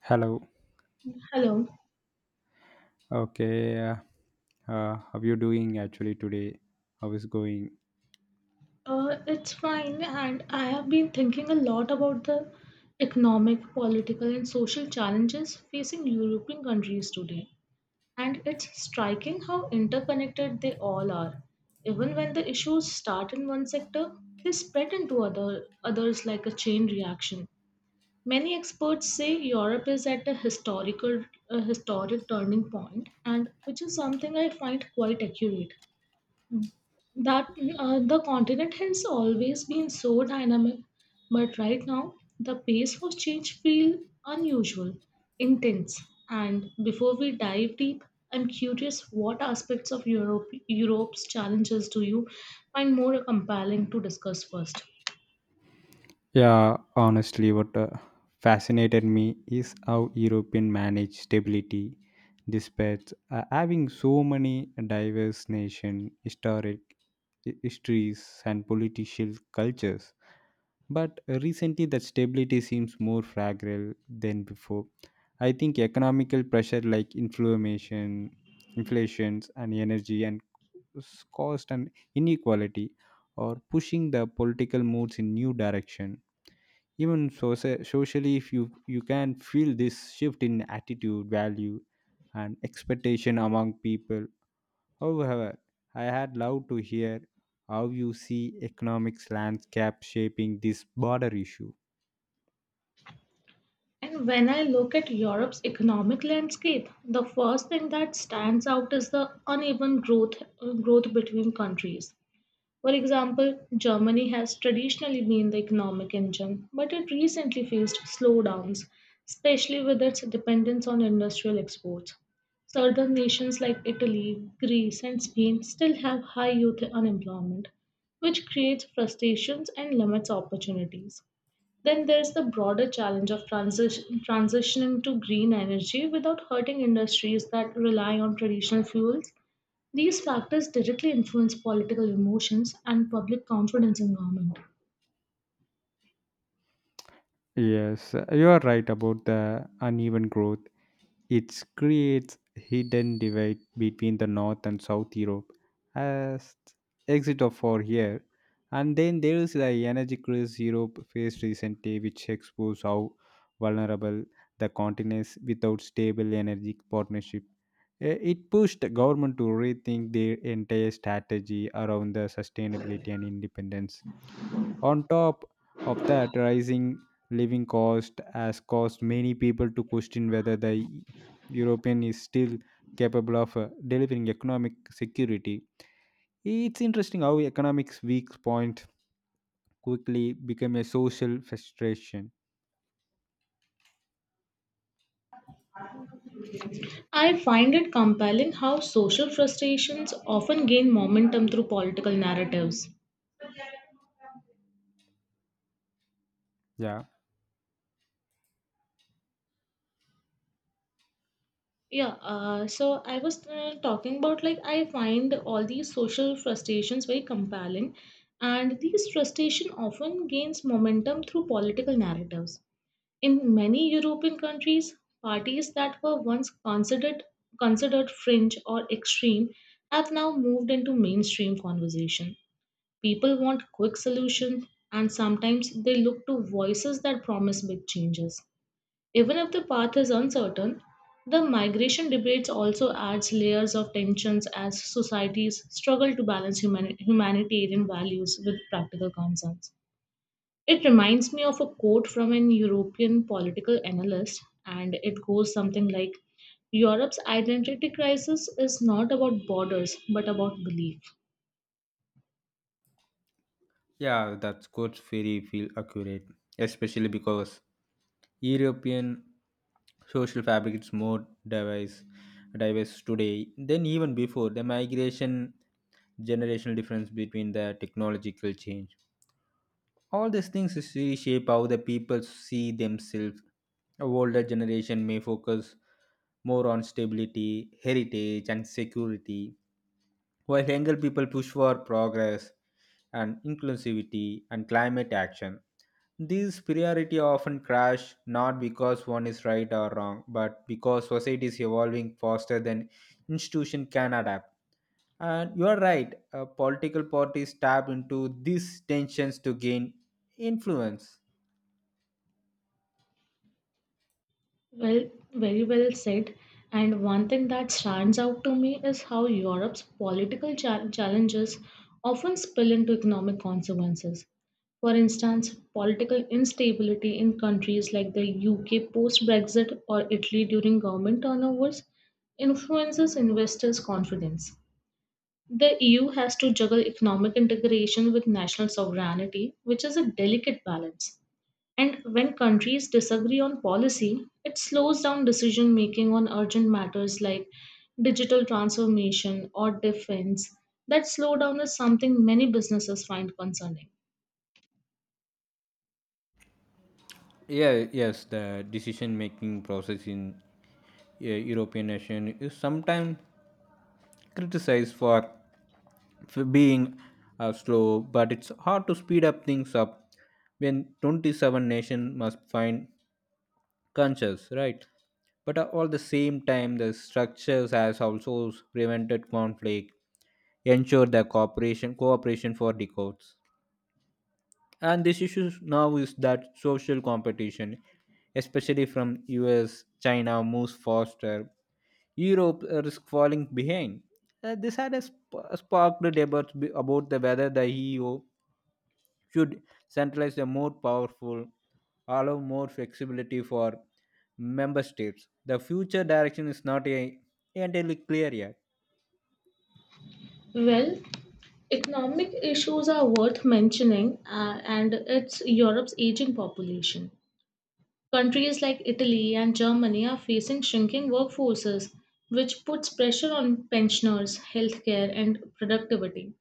Hello. Hello. Okay. How you doing actually today? How is going? It's fine, and I have been thinking a lot about the economic, political, and social challenges facing European countries today. And it's striking how interconnected they all are. Even when the issues start in one sector, they spread into others like a chain reaction. Many experts say Europe is at a historic turning point, and which is something I find quite accurate. That The continent has always been so dynamic, but right now the pace of change feels unusual, intense. And before we dive deep, I'm curious what aspects of Europe's challenges do you find more compelling to discuss first? Yeah, honestly, what fascinated me is how European manage stability, despite having so many diverse nation, historic histories, and political cultures. But recently, that stability seems more fragile than before. I think economical pressure like inflammation, inflations, and energy and s- cost and inequality are pushing the political moods in new direction. Even so, socially, if you can feel this shift in attitude, value, and expectation among people. However, I had loved to hear how you see economics landscape shaping this border issue. And when I look at Europe's economic landscape, the first thing that stands out is the uneven growth growth between countries. For example, Germany has traditionally been the economic engine, but it recently faced slowdowns, especially with its dependence on industrial exports. Southern nations like Italy, Greece, and Spain still have high youth unemployment, which creates frustrations and limits opportunities. Then there's the broader challenge of transitioning to green energy without hurting industries that rely on traditional fuels. These factors directly influence political emotions and public confidence in government. Yes, you are right about the uneven growth. It creates hidden divide between the North and South Europe as exit of for here. And then there is the energy crisis Europe faced recently, which exposes how vulnerable the continent is without stable energy partnership. It pushed the government to rethink their entire strategy around the sustainability and independence on top of that, rising living cost has caused many people to question whether the European is still capable of delivering economic security. It's interesting how economics weak point quickly became a social frustration. I find it compelling how social frustrations often gain momentum through political narratives. Yeah. Yeah, so I was talking about like I find all these social frustrations very compelling, and these frustration often gains momentum through political narratives. In many European countries, parties that were once considered fringe or extreme have now moved into mainstream conversation. People want quick solutions and sometimes they look to voices that promise big changes. Even if the path is uncertain, the migration debates also adds layers of tensions as societies struggle to balance humanitarian values with practical concerns. It reminds me of a quote from an European political analyst, and it goes something like, Europe's identity crisis is not about borders but about belief. Yeah, that's good. Very feel accurate, especially because European social fabric is more diverse, diverse today than even before the migration generational difference between the technological change all these things is reshape how the people see themselves. A older generation may focus more on stability, heritage, and security, while younger people push for progress and inclusivity and climate action. These priority often crash not because one is right or wrong, but because society is evolving faster than institution can adapt. And you are right, political parties tap into these tensions to gain influence. Well, very well said. And one thing that stands out to me is how Europe's challenges often spill into economic consequences. For instance, political instability in countries like the UK post Brexit or Italy during government turnovers influences investors' confidence. The EU has to juggle economic integration with national sovereignty, which is a delicate balance. And when countries disagree on policy, it slows down decision making on urgent matters like digital transformation or defense. That slowdown is something many businesses find concerning. Yeah, yes, the decision making process in European nation is sometimes criticized for being slow, but it's hard to speed up things up when 27 nation must find conscious right but all the same time the structures has also prevented conflict ensured the cooperation for decades and this issue now is that social competition especially from us china moves faster europe risk falling behind. This had a sparked debates about the whether the eu should centralize the more powerful, allow more flexibility for member states. The future direction is not a, entirely clear yet. Well, economic issues are worth mentioning, and it's Europe's aging population. Countries like Italy and Germany are facing shrinking workforces, which puts pressure on pensioners, healthcare, and productivity.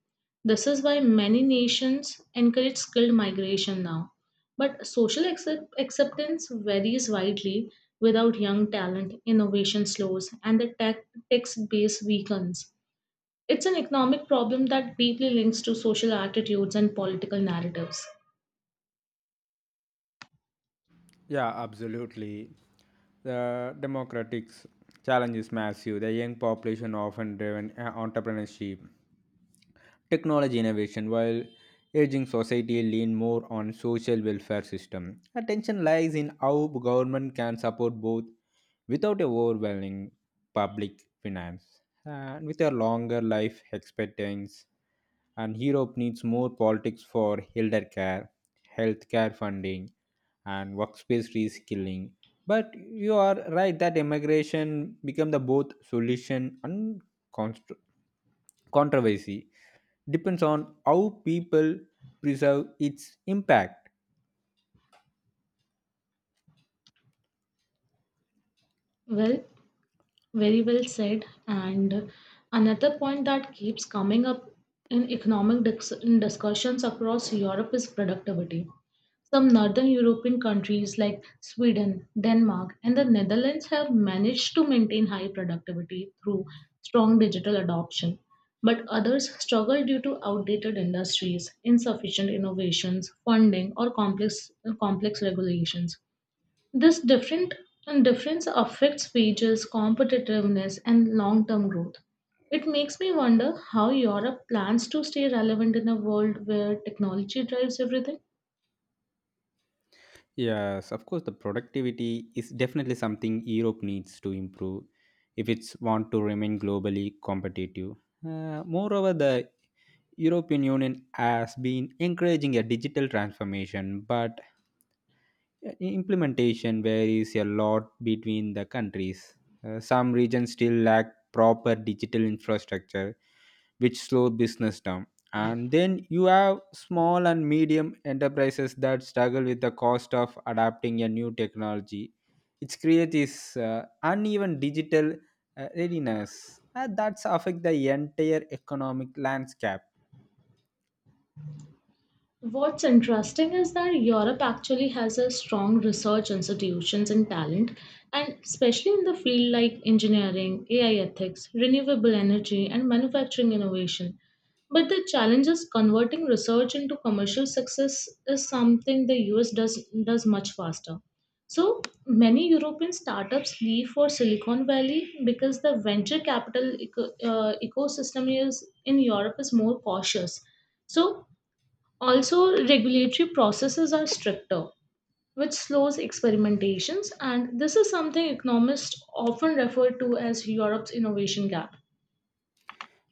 This is why many nations encourage skilled migration now. But social acceptance varies widely. Without young talent, innovation slows and the tax base weakens. It's an economic problem that deeply links to social attitudes and political narratives. Yeah, absolutely. The democratic challenge is massive. The young population often driven entrepreneurship Technology innovation, while aging society lean more on social welfare system, attention lies in how government can support both without overwhelming public finance and with a longer life expectancy. And Europe needs more politics for elder care, healthcare funding, and workspace reskilling. But you are right that immigration become the both solution and constr- controversy depends on how people preserve its impact. Well, very well said. And another point that keeps coming up in in discussions across Europe is productivity. Some northern European countries like Sweden, Denmark, and the Netherlands have managed to maintain high productivity through strong digital adoption, but others struggle due to outdated industries, insufficient innovations, funding, or complex regulations. This different difference affects wages, competitiveness, and long-term growth. It makes me wonder how Europe plans to stay relevant in a world where technology drives everything. Yes, of course, the productivity is definitely something Europe needs to improve if it's want to remain globally competitive. Moreover, the European Union has been encouraging a digital transformation, but implementation varies a lot between the countries. Some regions still lack proper digital infrastructure, which slow business down. And then you have small and medium enterprises that struggle with the cost of adapting a new technology. It creates this uneven digital readiness that's affect the entire economic landscape. What's interesting is that Europe actually has a strong research institutions and talent, and especially in the field like engineering, AI ethics, renewable energy, and manufacturing innovation. But the challenge is converting research into commercial success is something the US does much faster. So many European startups leave for Silicon Valley because the ecosystem is in Europe is more cautious. So also, regulatory processes are stricter, which slows experimentations, and this is something economists often refer to as Europe's innovation gap.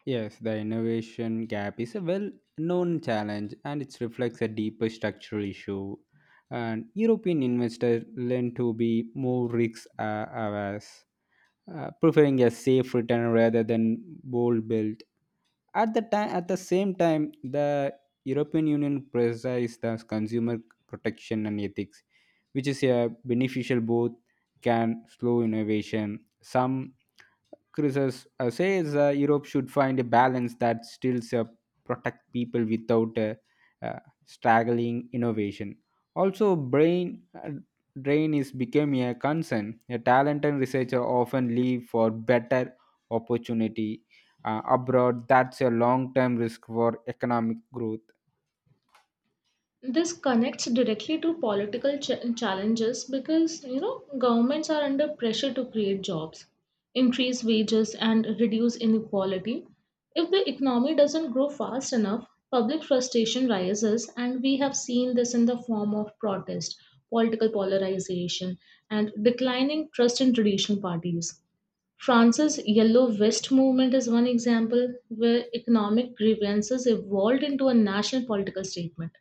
Yes, the innovation gap is a well known challenge and it reflects a deeper structural issue. And European investors learn to be more risk averse, preferring a safe return rather than bold build at the time at the same time the european union presides the consumer protection and ethics which is a beneficial both can slow innovation some critics says europe should find a balance that still protect people without uh, straggling innovation also brain drain is becoming a concern a talent and researcher often leave for better opportunity abroad that's a long term risk for economic growth. This connects directly to challenges because you know governments are under pressure to create jobs, increase wages, and reduce inequality. If the economy doesn't grow fast enough, public frustration rises and we have seen this in the form of protest, political polarization, and declining trust in traditional parties. France's Yellow Vest movement is one example where economic grievances evolved into a national political statement.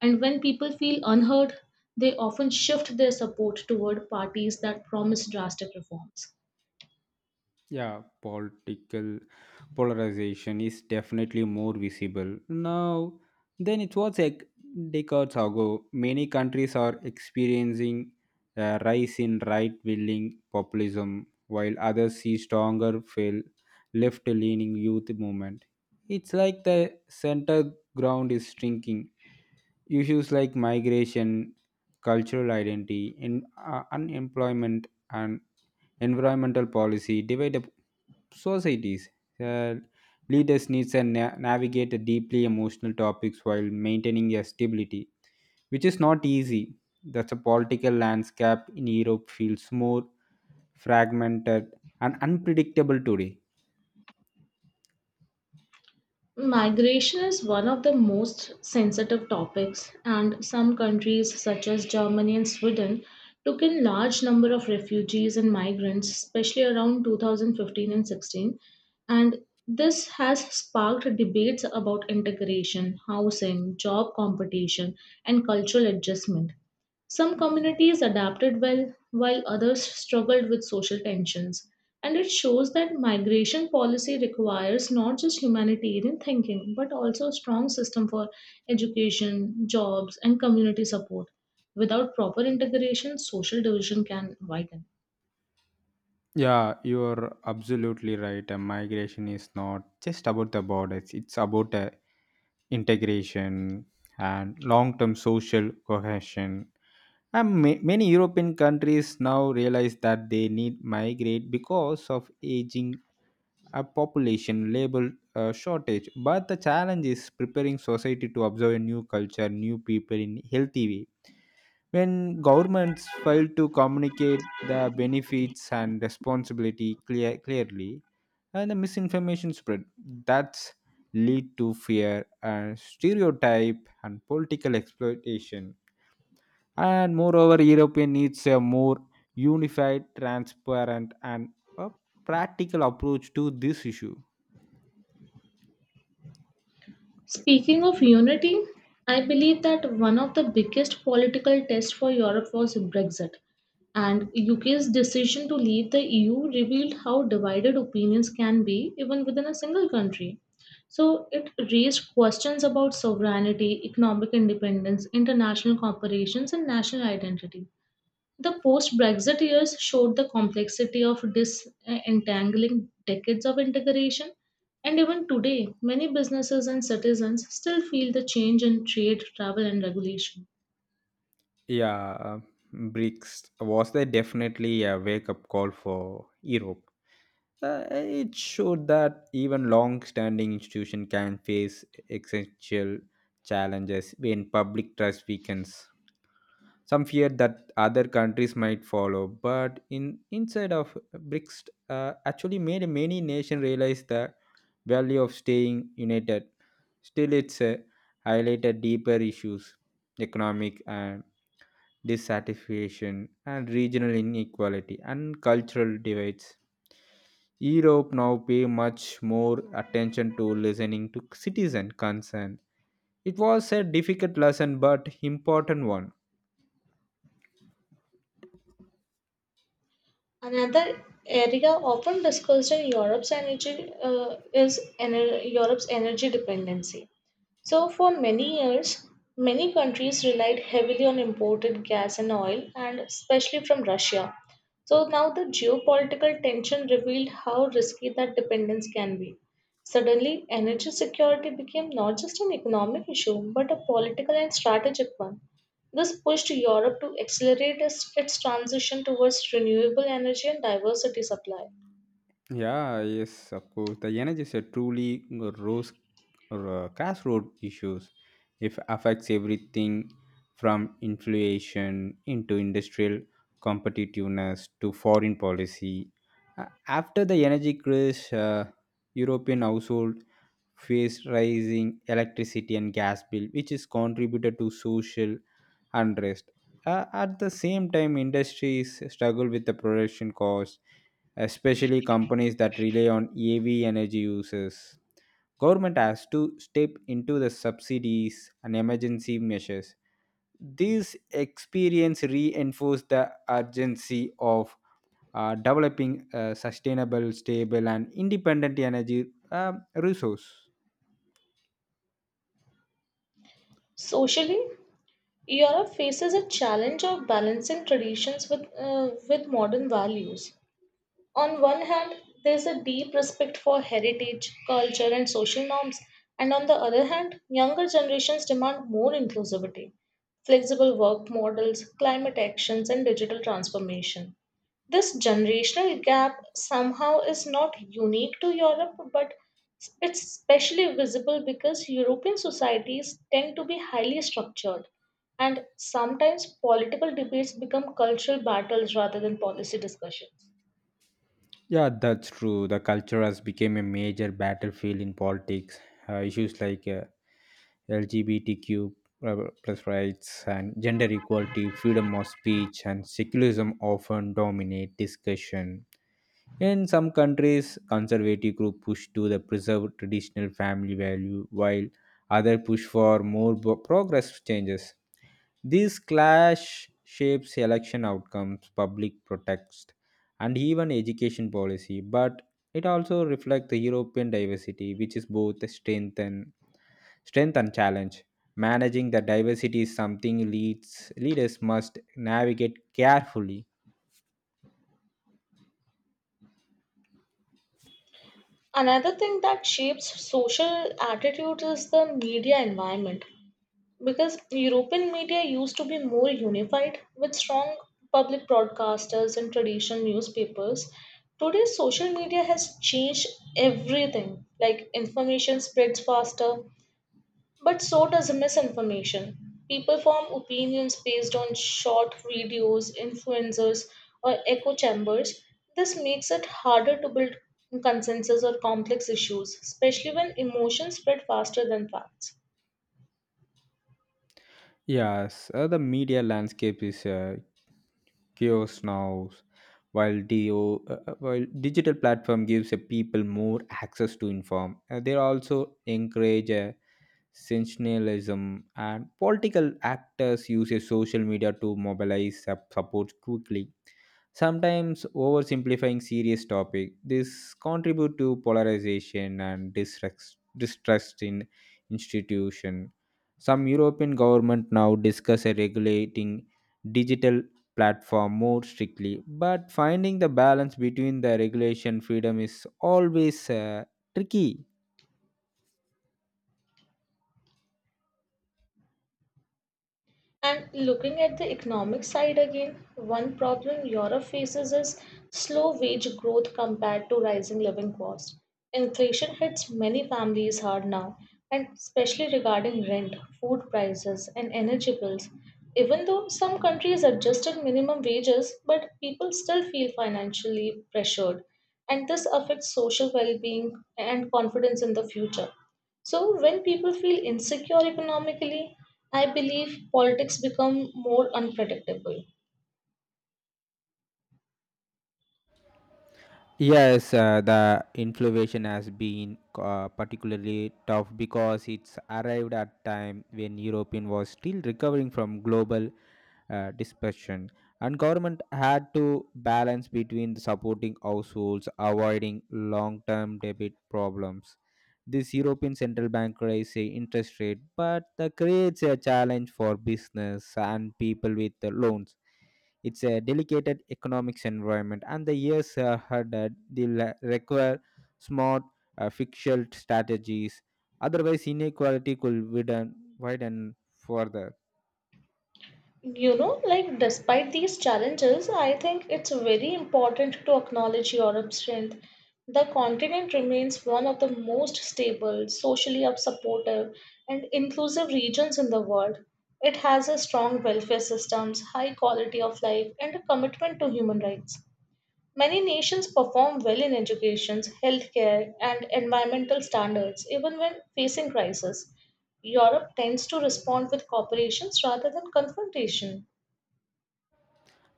And when people feel unheard, they often shift their support toward parties that promise drastic reforms. Yeah, political polarization is definitely more visible now than it was like decades ago many countries are experiencing a rise in right wing populism while others see stronger fail left leaning youth movement. It's like the center ground is shrinking. Issues like migration, cultural identity, unemployment, and environmental policy divide up societies. Uh, Leaders need to navigate the deeply emotional topics while maintaining their stability, which is not easy. That's a political landscape in Europe feels more fragmented and unpredictable today. Migration is one of the most sensitive topics, and some countries, such as Germany and Sweden, took in large number of refugees and migrants, especially around 2015 and 16. And this has sparked debates about integration, housing, job competition, and cultural adjustment. Some communities adapted well, while others struggled with social tensions. And it shows that migration policy requires not just humanitarian thinking, but also a strong system for education, jobs, and community support. Without proper integration, social division can widen. Yeah, you're absolutely right. And migration is not just about the borders, it's about a integration and long-term social cohesion. And many European countries now realize that they need migrate because of aging a population labor shortage. But the challenge is preparing society to observe a new culture, new people in healthy way. When governments fail to communicate the benefits and responsibility clearly, and the misinformation spread, that's lead to fear and stereotype and political exploitation. And moreover, European needs a more unified, transparent, and a practical approach to this issue. Speaking of unity, I believe that one of the biggest political tests for Europe was Brexit, and UK's decision to leave the EU revealed how divided opinions can be even within a single country. So it raised questions about sovereignty, economic independence, international corporations, and national identity. The post Brexit years showed the complexity of disentangling decades of integration, and even today, many businesses and citizens still feel the change in trade, travel, and regulation. Yeah, BRICS was there definitely a wake up call for Europe. It showed that even long-standing institutions can face existential challenges when public trust weakens. Some feared that other countries might follow, but in inside of BRICS, actually made many nations realize the value of staying united. Still, it's highlighted deeper issues, economic and dissatisfaction, and regional inequality and cultural divides. Europe now pay much more attention to listening to citizen concern. It was a difficult lesson but important one. Another area often discussed in Europe's energy dependency. So, for many years, many countries relied heavily on imported gas and oil, and especially from Russia. So, now the geopolitical tension revealed how risky that dependence can be. Suddenly, energy security became not just an economic issue, but a political and strategic one. This pushed Europe to accelerate its transition towards renewable energy and diversity supply. Yeah, yes, of course. The energy is a truly rose or crossroad issues. It affects everything from inflation into industrial competitiveness to foreign policy. After the energy crash, European household faced rising electricity and gas bill, which is contributed to social unrest. At the same time, industries struggle with the production costs especially companies that rely on EV energy uses. Government has to step into the subsidies and emergency measures. These experience reinforce the urgency of developing a sustainable, stable, and independent energy resource. Socially, Europe faces a challenge of balancing traditions with modern values. On one hand, there is a deep respect for heritage, culture, and social norms, and on the other hand, younger generations demand more inclusivity, flexible work models, climate actions, and digital transformation. This generational gap somehow is not unique to Europe, but it's especially visible because European societies tend to be highly structured, and sometimes political debates become cultural battles rather than policy discussions. Yeah, that's true. The culture has become a major battlefield in politics. Issues like LGBTQ plus rights and gender equality, freedom of speech, and secularism often dominate discussion. In some countries, conservative groups push to the preserve traditional family value, while others push for more progress changes. This clash shapes election outcomes, public protest, and even education policy, but it also reflects the European diversity, which is both a strength and strength and challenge. Managing the diversity is something leaders must navigate carefully. Another thing that shapes social attitudes is the media environment because European media used to be more unified with strong public broadcasters and traditional newspapers. Today, social media has changed everything. Like information spreads faster, but so does misinformation. People form opinions based on short videos, influencers, or echo chambers. This makes it harder to build consensus or complex issues, especially when emotions spread faster than facts. Yes, the media landscape is chaos now. While digital platform gives people more access to inform, they also encourage sensationalism and political actors use social media to mobilize support quickly. Sometimes oversimplifying serious topic this contribute to polarization and distrust in institution. Some european government now discuss a regulating digital platform more strictly but finding the balance between the regulation freedom is always tricky. And looking at the economic side again, one problem Europe faces is slow wage growth compared to rising living costs. Inflation hits many families hard now, and especially regarding rent, food prices, and energy bills. Even though some countries adjusted minimum wages, but people still feel financially pressured, and this affects social well being and confidence in the future. So when people feel insecure economically, I believe politics become more unpredictable. Yes, the inflation has been particularly tough because it's arrived at time when European was still recovering from global dispersion, and government had to balance between supporting households, avoiding long-term debt problems. This European Central Bank raised the interest rate, but that creates a challenge for business and people with the loans it's a delicate economics environment, and the years ahead will require smart fiscal strategies. Otherwise, inequality could widen further. You know, like despite these challenges, I think it's very important to acknowledge Europe's strength. The continent remains one of the most stable, socially supportive, and inclusive regions in the world. It has a strong welfare systems, high quality of life, and a commitment to human rights. Many nations perform well in education, healthcare, and environmental standards, even when facing crisis. Europe tends to respond with cooperations rather than confrontation.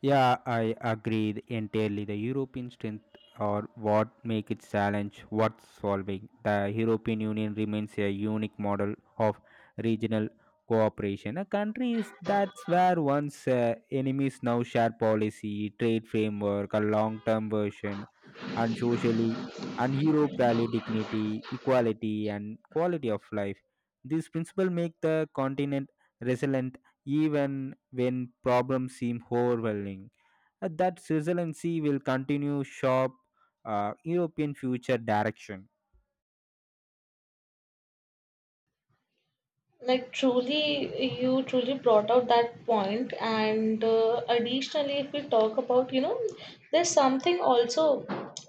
Yeah, I agree entirely. The European strength or what make its challenge worth solving. The European Union remains a unique model of regional cooperation. A country is that's where once enemies now share policy, trade framework, a long-term version, and socially and Europe value dignity, equality, and quality of life. These principles make the continent resilient even when problems seem overwhelming. That resiliency will continue sharp European future direction. Like truly you truly brought out that point. And additionally, if we talk about you know there's something also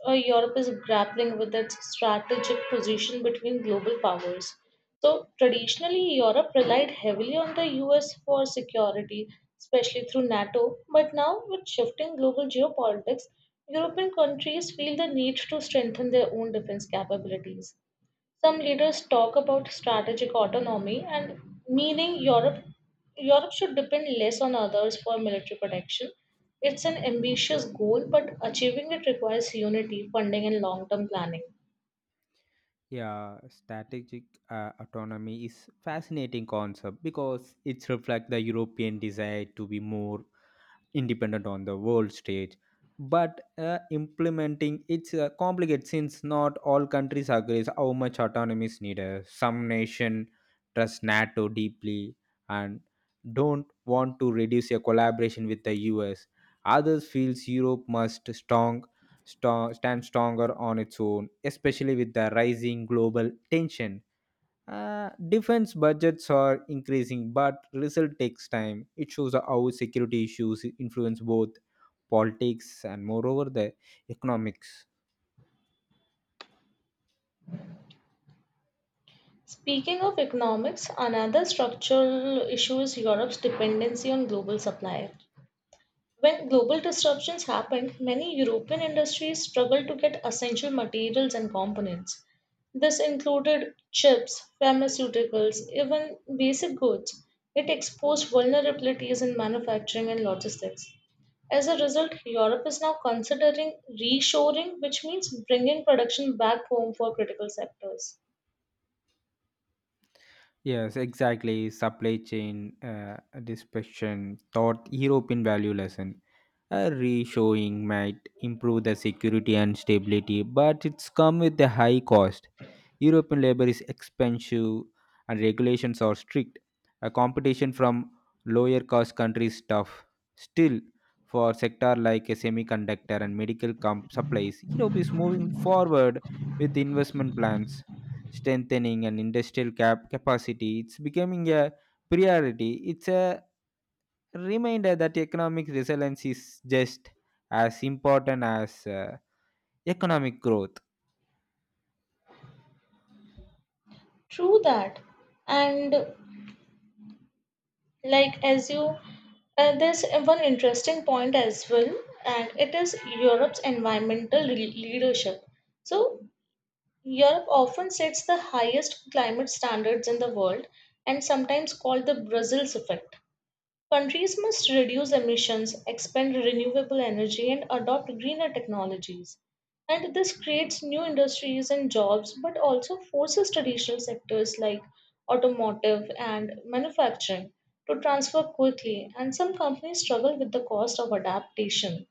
Europe is grappling with its strategic position between global powers. So traditionally Europe relied heavily on the US for security, especially through NATO, but now with shifting global geopolitics, European countries feel the need to strengthen their own defense capabilities. Some leaders talk about strategic autonomy and meaning Europe should depend less on others for military protection. It's an ambitious goal, but achieving it requires unity, funding, and long term planning. Yeah, strategic autonomy is fascinating concept because it reflects the European desire to be more independent on the world stage but implementing it's complicated since not all countries agree how much autonomy is needed some nation trust nato deeply and don't want to reduce a collaboration with the us others feels europe must strong strong stand stronger on its own especially with the rising global tension. Defense budgets are increasing, but result takes time. It shows how security issues influence both politics and, moreover, the economics. Speaking of economics, another structural issue is Europe's dependency on global supply. When global disruptions happened, many European industries struggled to get essential materials and components. This included chips, pharmaceuticals, even basic goods. It exposed vulnerabilities in manufacturing and logistics. As a result, Europe is now considering reshoring, which means bringing production back home for critical sectors. Yes, exactly. Supply chain dispersion taught European value lesson. A reshowing might improve the security and stability, but it's come with a high cost. European labor is expensive and regulations are strict. A competition from lower cost countries is tough. Still, for sector like a semiconductor and medical supplies, Europe is moving forward with investment plans strengthening and industrial capacity. It's becoming a priority. It's a reminder that economic resilience is just as important as economic growth. True that. And like as you there's one interesting point as well, and it is Europe's leadership. So Europe often sets the highest climate standards in the world, and sometimes called the Brussels effect. Countries must reduce emissions, expand renewable energy, and adopt greener technologies. And this creates new industries and jobs, but also forces traditional sectors like automotive and manufacturing to transfer quickly. And some companies struggle with the cost of adaptation.